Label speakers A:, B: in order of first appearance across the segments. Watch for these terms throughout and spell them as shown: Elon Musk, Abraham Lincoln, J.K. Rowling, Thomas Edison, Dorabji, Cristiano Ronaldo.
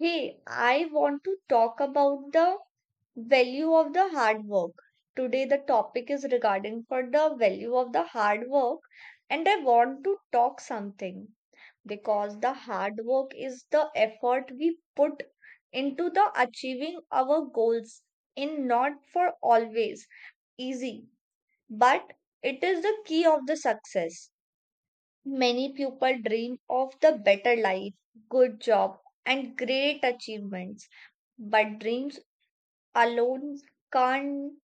A: Hey, I want to talk about the value of the hard work. Today, the topic is regarding for the value of the hard work, and I want to talk something because the hard work is the effort we put into the achieving our goals in not for always easy, but it is the key of the success. Many people dream of the better life, good job, and great achievements but dreams alone can't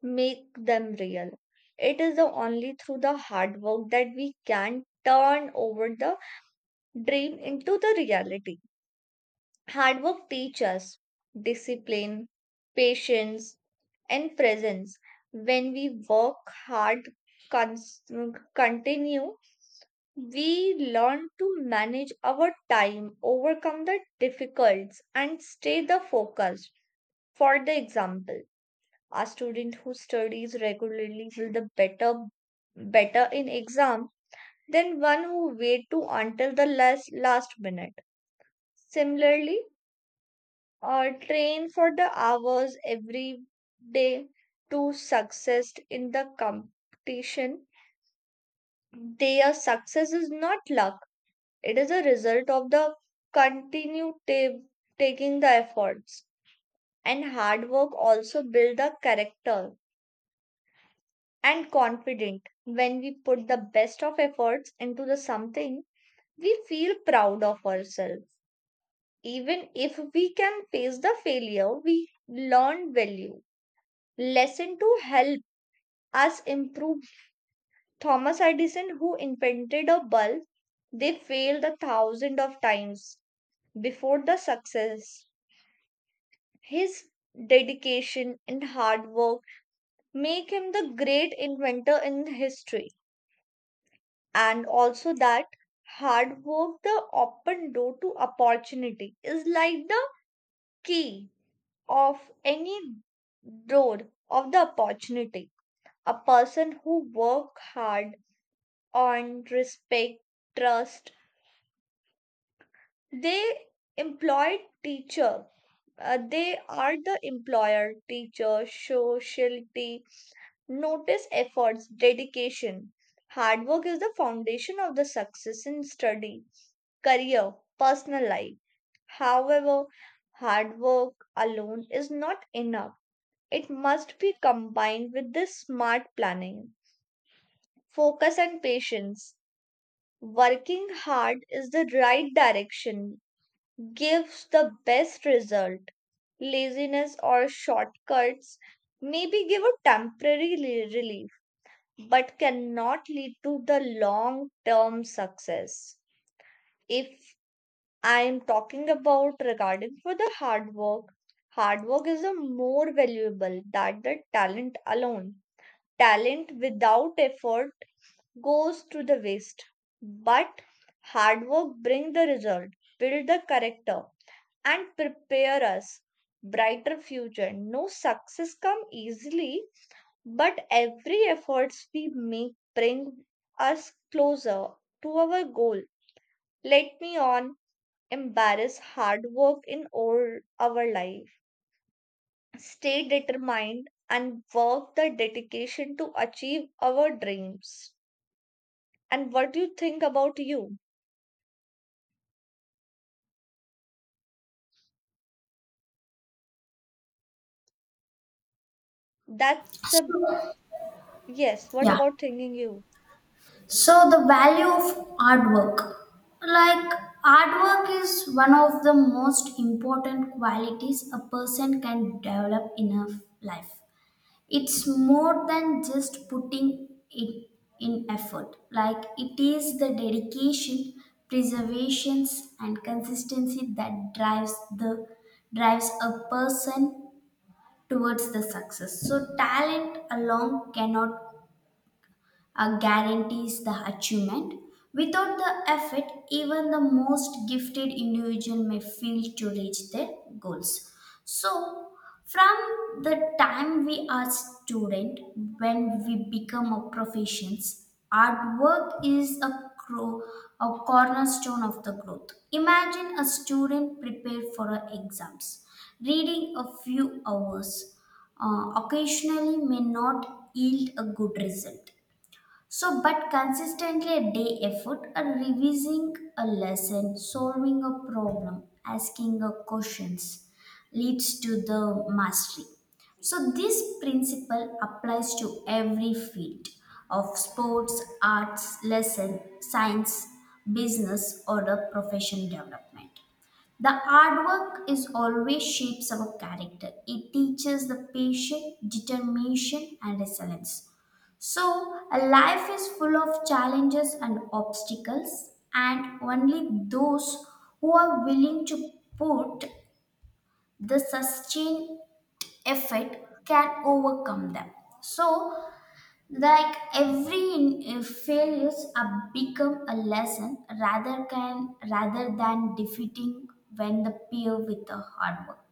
A: make them real. It is the only through the hard work that we can turn over the dream into the reality. Hard work teaches us discipline, patience, and presence. When we work hard, cons- continue, we learn to manage our time, overcome the difficulties, and stay the focus. For the example, a student who studies regularly will the better better in exam than one who wait to until the last minute. Similarly, train for the hours every day to success in the competition. Their success is not luck; it is a result of the continued taking the efforts and hard work. Also build the character and confident when we put the best of efforts into the something we feel proud of ourselves even if we can face the failure we learn value lesson to help us improve. Thomas Edison who invented a bulb they failed a thousand of times before the success. His dedication and hard work make him the great inventor in history. And also that hard work the open door to opportunity is like the key of any door of the opportunity. A person who work hard on respect, trust, they employ teacher, they are the employer teacher socialty notice efforts dedication. Hard work is the foundation of the success in study, career, personal life. However, hard work alone is not enough. It must be combined with the smart planning, focus, and patience. Working hard is the right direction, gives the best result. Laziness or shortcuts maybe give a temporary relief, but cannot lead to the long term success. If I am talking about regarding for the hard work. Hard work is a more valuable than the talent alone. Talent without effort goes to the waste. But hard work bring the result, build the character, and prepare us brighter future. No success come easily, but every efforts we make bring us closer to our goal. Let me on embrace hard work in all our life. Stay determined and work the dedication to achieve our dreams. And what do you think about you? That's a yes. What
B: Yeah.
A: about thinking you?
B: So the value of artwork. Like artwork is one of the most important qualities a person can develop in a life. It's more than just putting it in effort. Like it is the dedication, preservations and consistency that drives the drives a person towards the success. So talent alone cannot guarantees the achievement. Without the effort, even the most gifted individual may fail to reach their goals. So, from the time we are student, when we become a professions, hard work is a, a cornerstone of the growth. Imagine a student prepared for her exams, reading a few hours, occasionally may not yield a good result so, but consistently a day effort, a revising a lesson, solving a problem, asking a questions leads to the mastery. So, this principle applies to every field of sports, arts, lesson, science, business, or the profession development. The hard work is always shapes our character. It teaches the patience, determination, and resilience. So, a life is full of challenges and obstacles, and only those who are willing to put the sustained effort can overcome them. So, like every failures are become a lesson rather than defeating when the peer with the hard work.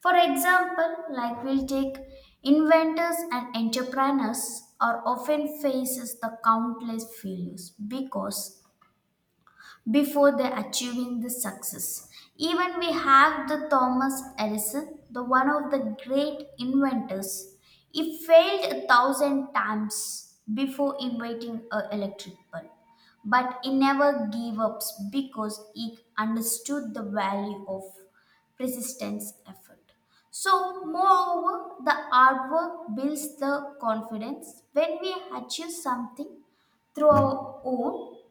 B: For example, like we'll take inventors and entrepreneurs are often faces the countless failures because before they achieving the success. Even we have the Thomas Edison, the one of the great inventors. He failed a thousand times before inventing a electric bulb, but he never gave up because he understood the value of persistence effort. So, moreover, the hard work builds the confidence. When we achieve something through our own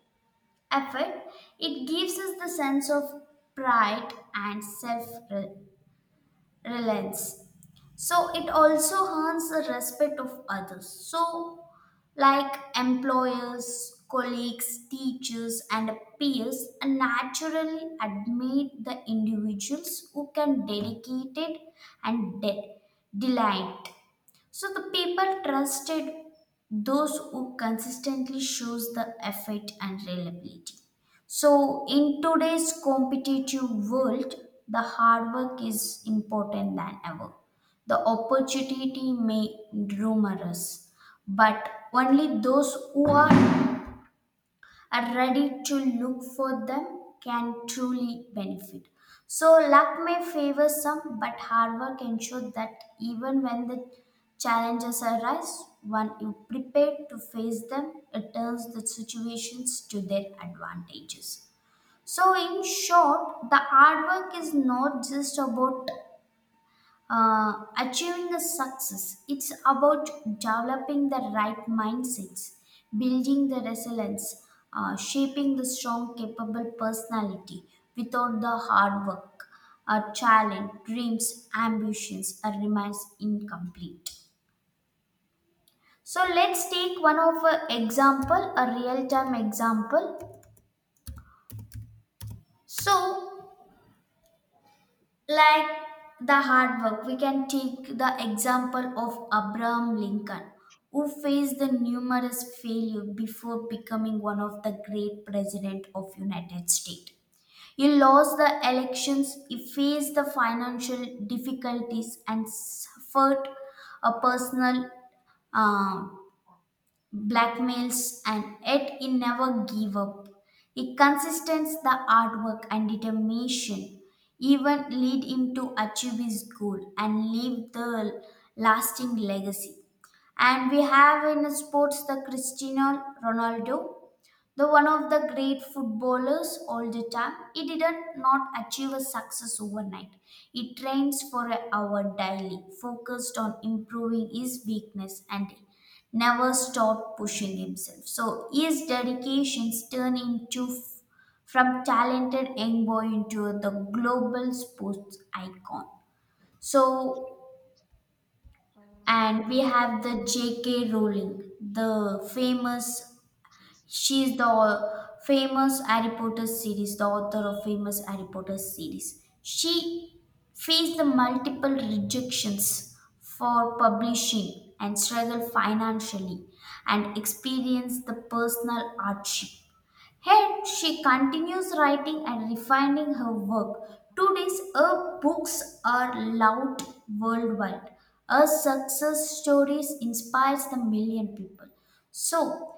B: effort, it gives us the sense of pride and self reliance. So it also earns the respect of others. So, like employers, colleagues, teachers, and peers, naturally admit the individuals who can dedicate it and delight. So the people trusted those who consistently shows the effort and reliability. So in today's competitive world, the hard work is important than ever. The opportunity may numerous, but only those who are ready to look for them can truly benefit. So, luck may favor some, but hard work ensures that even when the challenges arise, when you prepare to face them, it turns the situations to their advantages. So, in short, the hard work is not just about achieving a success, it's about developing the right mindsets, building the resilience, shaping the strong, capable personality without the hard work. A challenge, dreams, ambitions remains incomplete. So let's take one of a example, a real time example. So like the hard work we can take the example of Abraham Lincoln who faced the numerous failure before becoming one of the great president of United States. He lost the elections. He faced the financial difficulties and suffered a personal uh, blackmails, and yet he never gave up. He consistence the artwork and determination even lead him to achieve his goal and leave the lasting legacy. And we have in sports the Cristiano Ronaldo, the one of the great footballers all the time. He didn't not achieve a success overnight. He trains for an hour daily, focused on improving his weakness and never stopped pushing himself. So his dedications turn from talented young boy into the global sports icon. So, and we have the J.K. Rowling, the famous, she is the famous Harry Potter series, the author of famous Harry Potter series. She faced the multiple rejections for publishing and struggled financially and experienced the personal hardship. Yet she continues writing and refining her work. Today's her books are loved worldwide. Her success stories inspires the million people. So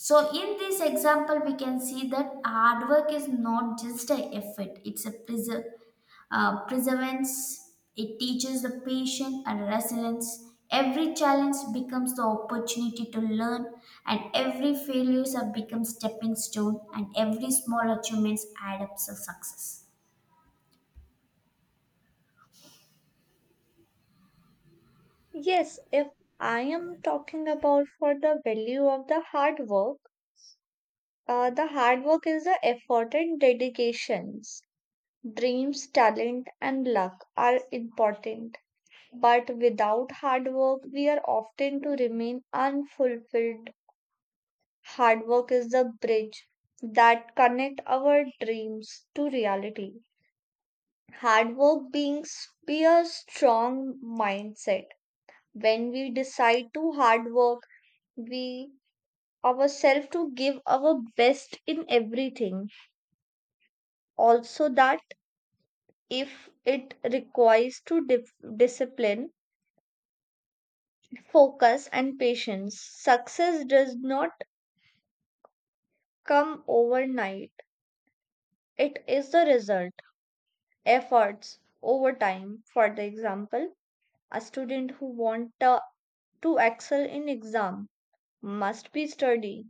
B: so, in this example, we can see that hard work is not just an effort, it's a perseverance. It teaches the patience and resilience. Every challenge becomes the opportunity to learn, and every failure becomes stepping stone, and every small achievements add up to success.
A: Yes, if I am talking about for the value of the hard work is the effort and dedications. Dreams, talent, and luck are important, but without hard work, we are often to remain unfulfilled. Hard work is the bridge that connect our dreams to reality. Hard work brings be a strong mindset. When we decide to hard work, we ourselves to give our best in everything. Also that if it requires to discipline, focus and patience. Success does not come overnight. It is the result, efforts over time. For the example, a student who want to excel in exam must be study,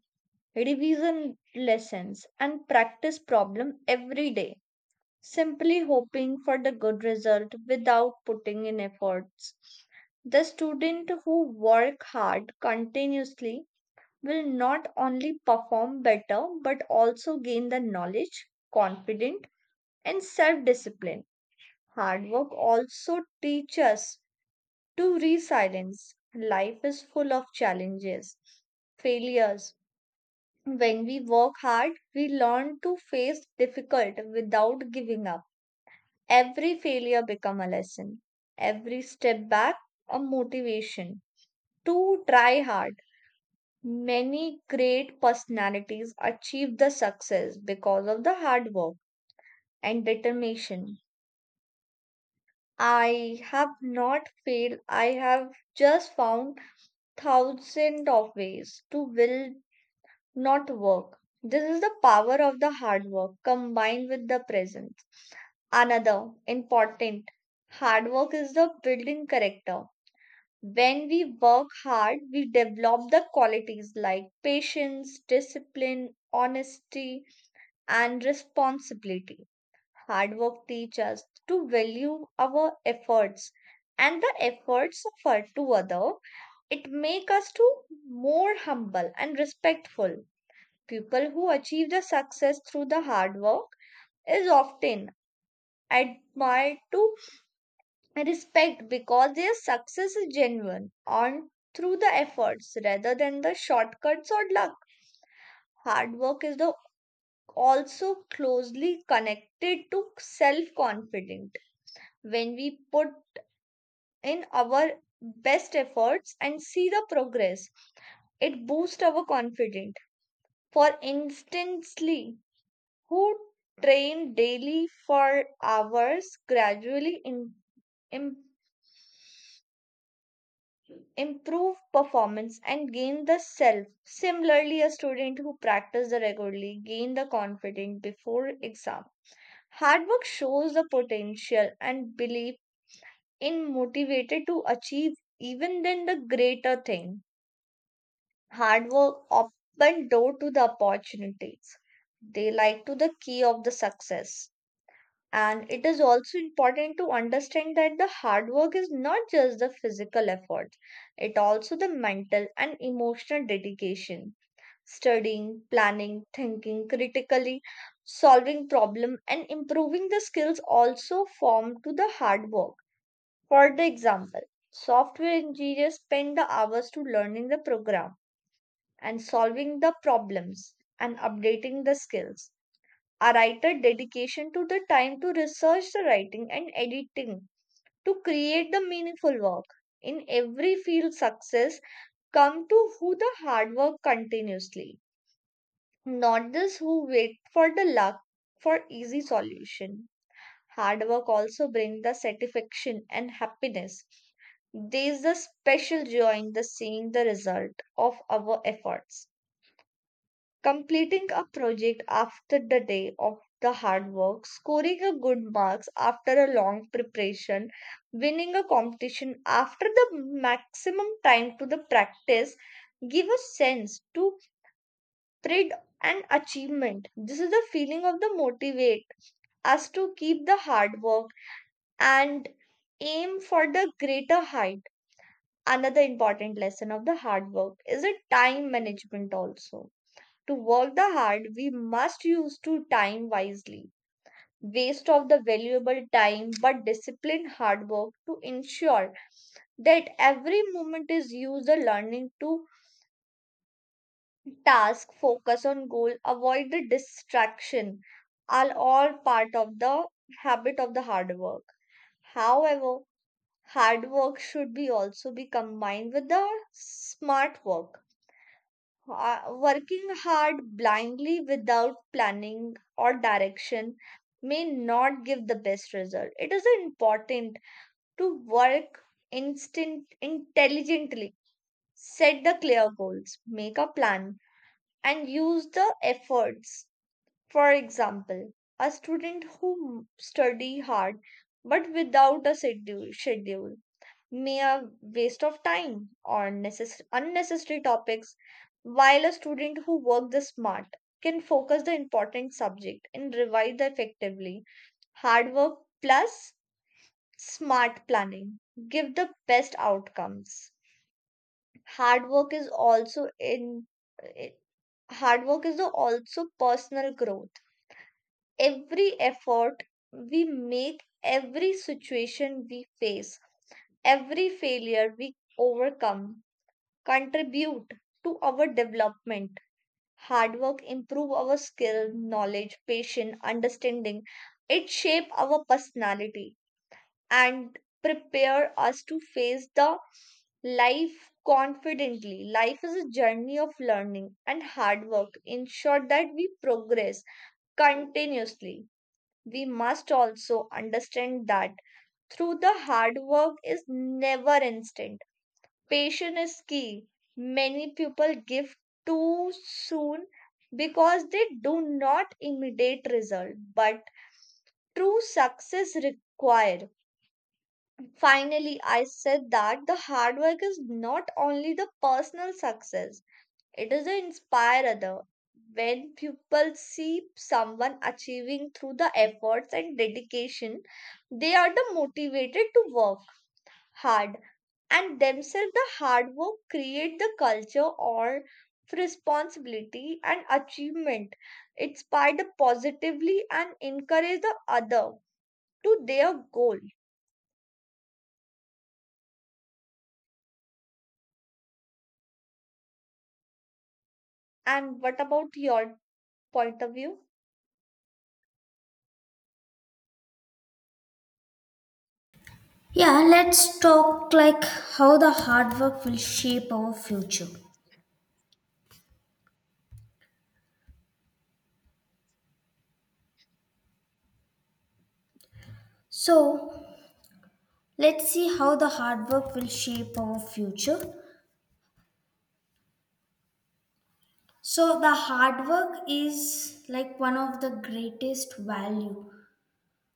A: revision lessons, and practice problem every day, simply hoping for the good result without putting in efforts. The student who work hard continuously will not only perform better but also gain the knowledge, confidence and self discipline. Hard work also teaches us to resilience. Life is full of challenges, failures. When we work hard, we learn to face difficult without giving up. Every failure become a lesson. Every step back a motivation to try hard. Many great personalities achieve the success because of the hard work and determination. I have not failed. I have just found thousand of ways to will not work. This is the power of the hard work combined with the presence. Another important hard work is the building character. When we work hard, we develop the qualities like patience, discipline, honesty, and responsibility. Hard work teach us to value our efforts and the efforts of our to other. It make us to more humble and respectful. People who achieve the success through the hard work is often admired to respect because their success is genuine and through the efforts rather than the shortcuts or luck. Hard work is the also closely connected to self confidence. When we put in our best efforts and see the progress. It boosts our confidence. For instantly, who train daily for hours gradually im- improve performance and gain the self. Similarly, a student who practice the regularly gain the confidence before exam. Hard work shows the potential and belief in motivated to achieve even then the greater thing. Hard work open door to the opportunities. They like to the key of the success. And it is also important to understand that the hard work is not just the physical effort, it also the mental and emotional dedication. Studying, planning, thinking critically, solving problem and improving the skills also form to the hard work. For the example, software engineers spend the hours to learning the program and solving the problems and updating the skills. A writer dedication to the time to research the writing and editing to create the meaningful work. In every field, success come to who the hard work continuously, not those who wait for the luck for easy solution. Hard work also brings the satisfaction and happiness. There is a special joy in the seeing the result of our efforts, completing a project after the day of the hard work, scoring a good marks after a long preparation, winning a competition after the maximum time to the practice give a sense to pride and achievement. This is the feeling of the motivate us to keep the hard work and aim for the greater height. Another important lesson of the hard work is a time management also to work the hard, we must use to time wisely. Waste of the valuable time, but disciplined hard work to ensure that every moment is used the learning to task, focus on goal, avoid the distraction are all part of the habit of the hard work. However, hard work should be also be combined with the smart work. Working hard blindly without planning or direction may not give the best result. It is important to work instant intelligently, set the clear goals, make a plan, and use the efforts. For example, a student who study hard but without a schedule mere waste of time or unnecessary topics, while a student who works the smart can focus the important subject and revise the effectively. Hard work plus smart planning give the best outcomes. Hard work is also in eh, hard work is the also personal growth. Every effort we make, every situation we face, every failure we overcome contribute to our development. Hard work improve our skill, knowledge, patience, understanding. It shape our personality and prepare us to face the life confidently. Life is a journey of learning and hard work. Ensure that we progress continuously. We must also understand that through the hard work is never instant. Patience is key. Many people give too soon because they do not immediate result, but true success required. Finally, I said that the hard work is not only the personal success, it is the inspire other. When people see someone achieving through the efforts and dedication, they are the motivated to work hard and themselves the hard work create the culture or of responsibility and achievement inspire the positively and encourage the other to their goal. And what about your point of view?
B: Yeah, let's talk like how the hard work will shape our future. So, let's see how the hard work will shape our future. So the hard work is like one of the greatest value.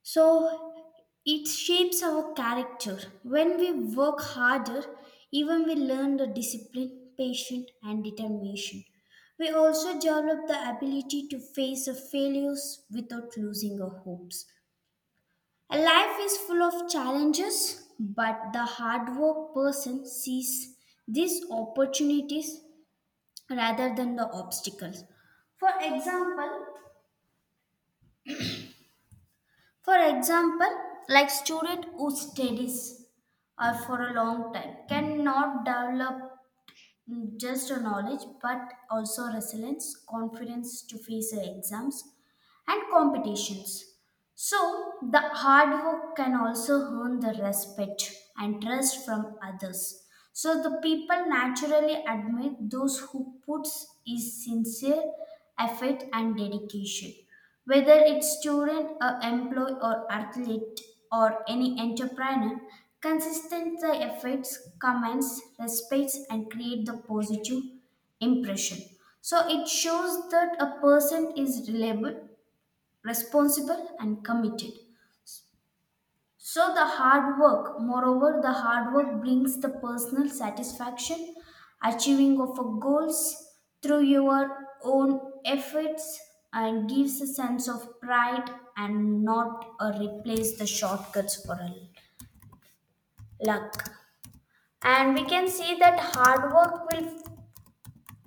B: So it shapes our character. When we work harder, even we learn the discipline, patience and determination. We also develop the ability to face the failures without losing our hopes. A life is full of challenges, but the hard work person sees these opportunities rather than the obstacles. For example, for example, like student who studies or for a long time cannot develop just a knowledge but also resilience, confidence to face the exams and competitions. So, the hard work can also earn the respect and trust from others. So, the people naturally admit those who puts his sincere effort and dedication. Whether it's student, or employee, or athlete, or any entrepreneur, consistent the efforts, comments, respects, and create the positive impression. So, it shows that a person is reliable responsible and committed. So the hard work, moreover, the hard work brings the personal satisfaction, achieving of a goals through your own efforts and gives a sense of pride and not replace the shortcuts for a luck. And we can see that hard work will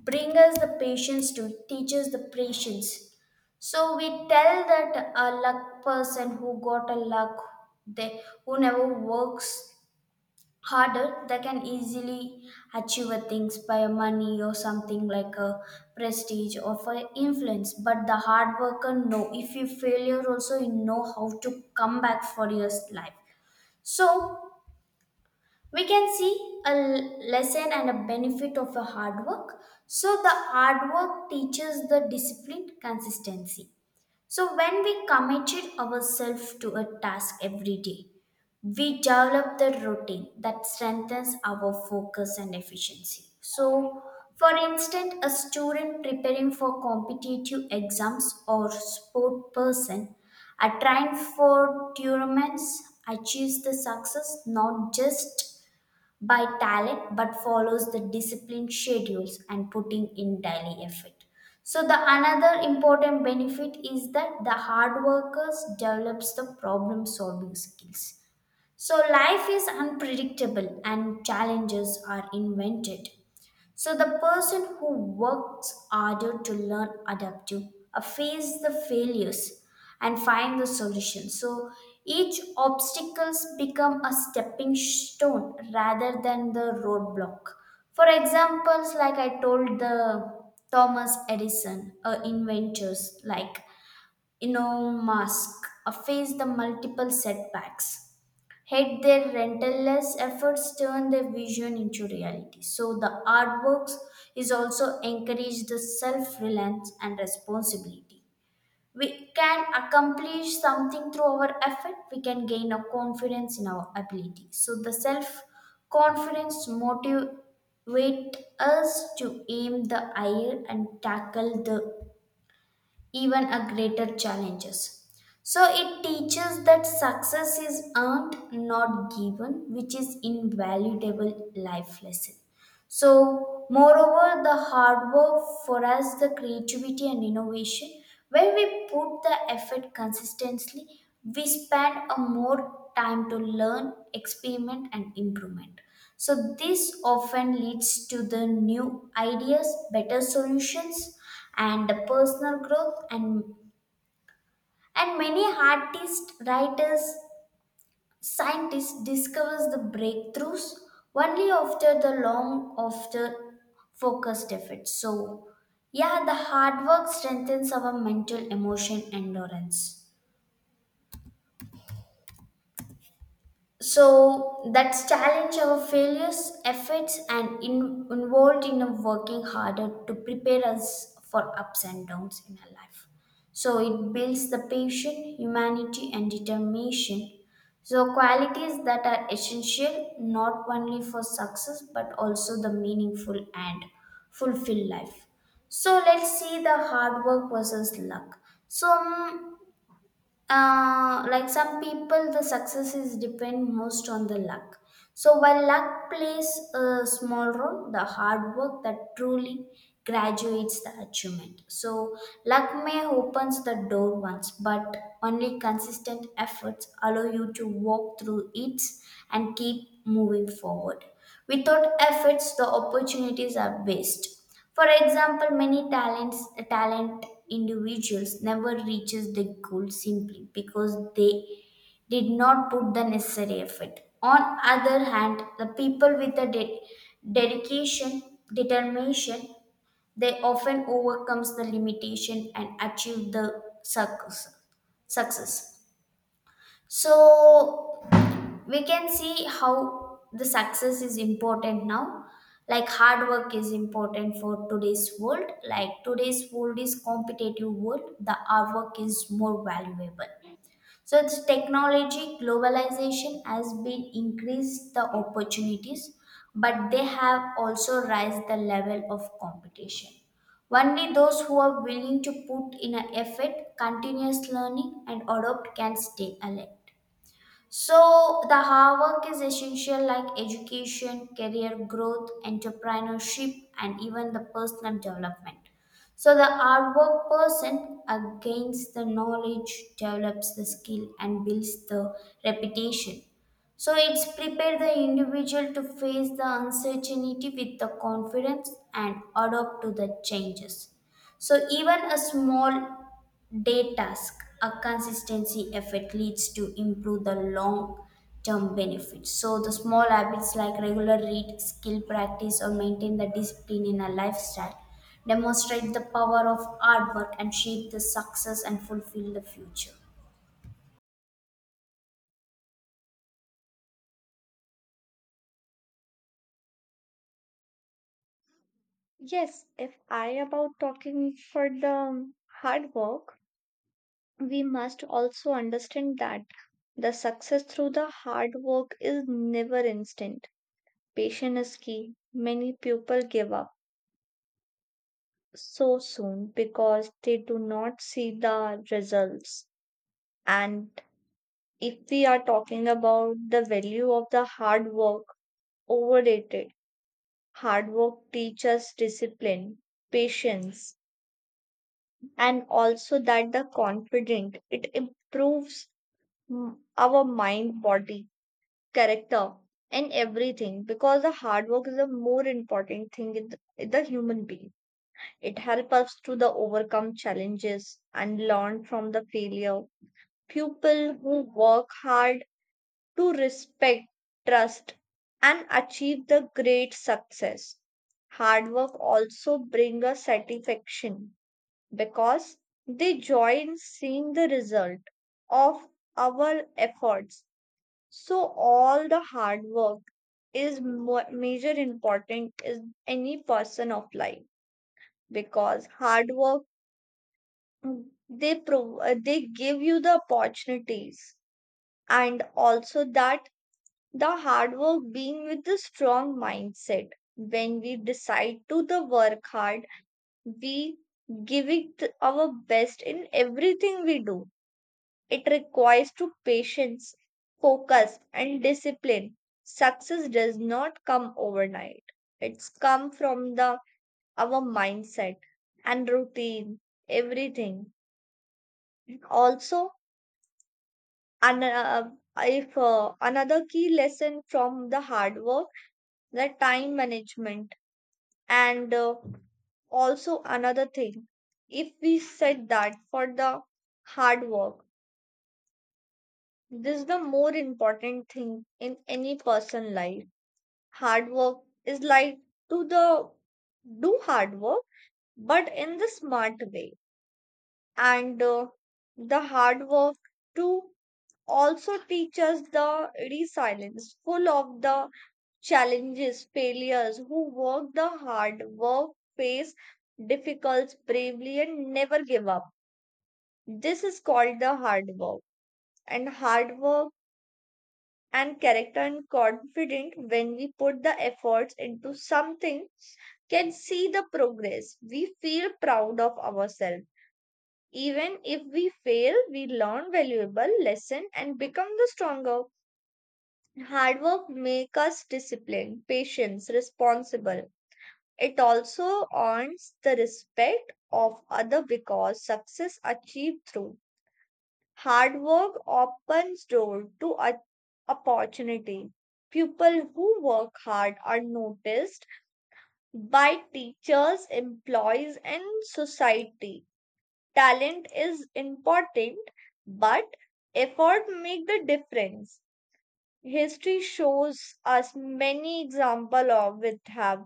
B: bring us the patience to teach us the patience. So we tell that a luck person who got a luck, they who never works harder, they can easily achieve a things by money or something like a prestige or for influence. But the hard worker no. If you failure also, you know how to come back for your life. So we can see a lesson and a benefit of a hard work. So the hard work teaches the discipline consistency. So when we committed ourselves to a task every day, we develop the routine that strengthens our focus and efficiency. So for instance, a student preparing for competitive exams or sport person are trying for tournaments achieves the success not just by talent but follows the disciplined schedules and putting in daily effort. So the another important benefit is that the hard workers develops the problem solving skills. So life is unpredictable and challenges are invented. So the person who works harder to learn adapt to face the failures and find the solution. So each obstacles become a stepping stone rather than the roadblock. For examples, like I told the Thomas Edison, inventors like Elon Musk, face the multiple setbacks had their relentless efforts turned their vision into reality. So the artworks is also encouraged the self-reliance and responsibility. We can accomplish something through our effort, we can gain a confidence in our ability. So the self-confidence motivate us to aim the higher and tackle the even a greater challenges. So it teaches that success is earned, not given, which is invaluable life lesson. So, moreover, the hard work for us, the creativity and innovation, when we put the effort consistently, we spend a more time to learn, experiment, and improvement. So, this often leads to the new ideas, better solutions, and the personal growth and many artists, writers, scientists discovers the breakthroughs only after the long after focused effort. So yeah, the hard work strengthens our mental emotion endurance. So that's challenge our failures, efforts, and involved in a working harder to prepare us for ups and downs in our life. So it builds the patience, humanity, and determination. So qualities that are essential not only for success but also the meaningful and fulfilled life. So let's see the hard work versus luck. So like some people the success is depend most on the luck. So while luck plays a small role, the hard work that truly graduates the achievement. So luck may opens the door once, but only consistent efforts allow you to walk through it and keep moving forward without efforts the opportunities are waste. For example, many talent individuals never reaches the goal simply because they did not put the necessary effort. On other hand, the people with a dedication, determination, they often overcomes the limitation and achieve the success. Success. So we can see how the success is important now, like hard work is important for today's world. Like today's world is competitive world, the hard work is more valuable. So it's technology globalization has been increased the opportunities, but they have also raised the level of competition. Only those who are willing to put in an effort continuous learning and adopt can stay alert. So the hard work is essential like education, career growth, entrepreneurship, and even the personal development. So the hard work person gains the knowledge, develops the skill, and builds the reputation. So it's prepare the individual to face the uncertainty with the confidence and adapt to the changes. So even a small day task. A consistency effort leads to improve the long term benefits. So the small habits like regular read, skill practice, or maintain the discipline in a lifestyle demonstrate the power of hard work and shape the success and fulfill the future.
A: Yes, if I about talking for the hard work, we must also understand that the success through the hard work is never instant. Patience is key. Many people give up so soon because they do not see the results. And if we are talking about the value of the hard work, overrated. Hard work teaches discipline, patience, and also that the confident. It improves our mind, body, character, and everything because the hard work is a more important thing in the human being. It helps us to the overcome challenges and learn from the failure. People who work hard to respect, trust, and achieve the great success. Hard work also bring a satisfaction because they joy in seeing the result of our efforts. So all the hard work is major important is any person of life because hard work they they give you the opportunities and also that the hard work being with the strong mindset when we decide to the work hard we give it our best in everything we do. It requires to patience, focus and discipline. Success does not come overnight. It's come from the our mindset and routine everything also. And if another key lesson from the hard work, the time management, and also another thing, if we said that for the hard work, this is the more important thing in any person life. Hard work is like to the do hard work, but in the smart way, and the hard work to also teach us the resilience full of the challenges, failures, who work the hard, work, face difficulties bravely, and never give up. This is called the hard work. And hard work and character and confident when we put the efforts into something can see the progress. We feel proud of ourselves. Even if we fail, we learn valuable lesson and become the stronger. Hard work make us disciplined, patient, responsible. It also earns the respect of other because success achieved through hard work opens door to opportunity. People who work hard are noticed by teachers, employees, and society. Talent is important, but effort make the difference. History shows us many example of with have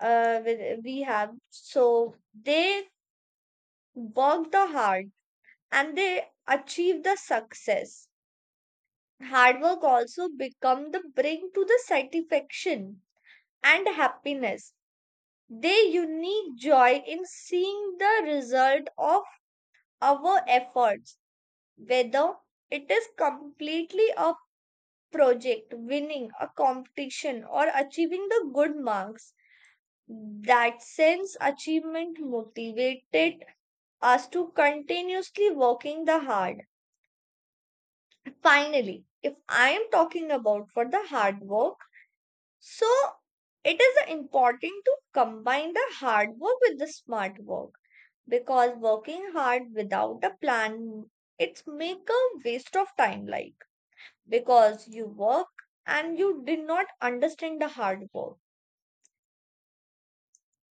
A: uh, with, we have so they worked the hard and they achieved the success. Hard work also become the bring to the satisfaction and happiness. They unique joy in seeing the result of our efforts, whether it is completely a project, winning a competition, or achieving the good marks. That sense achievement motivated us to continuously working the hard. Finally, if I am talking about for the hard work, so it is important to combine the hard work with the smart work because working hard without a plan it's make a waste of time like because you work and you did not understand the hard work.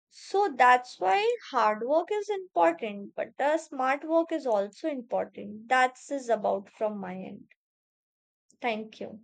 A: So that's why hard work is important but the smart work is also important. That's is about from my end. Thank you.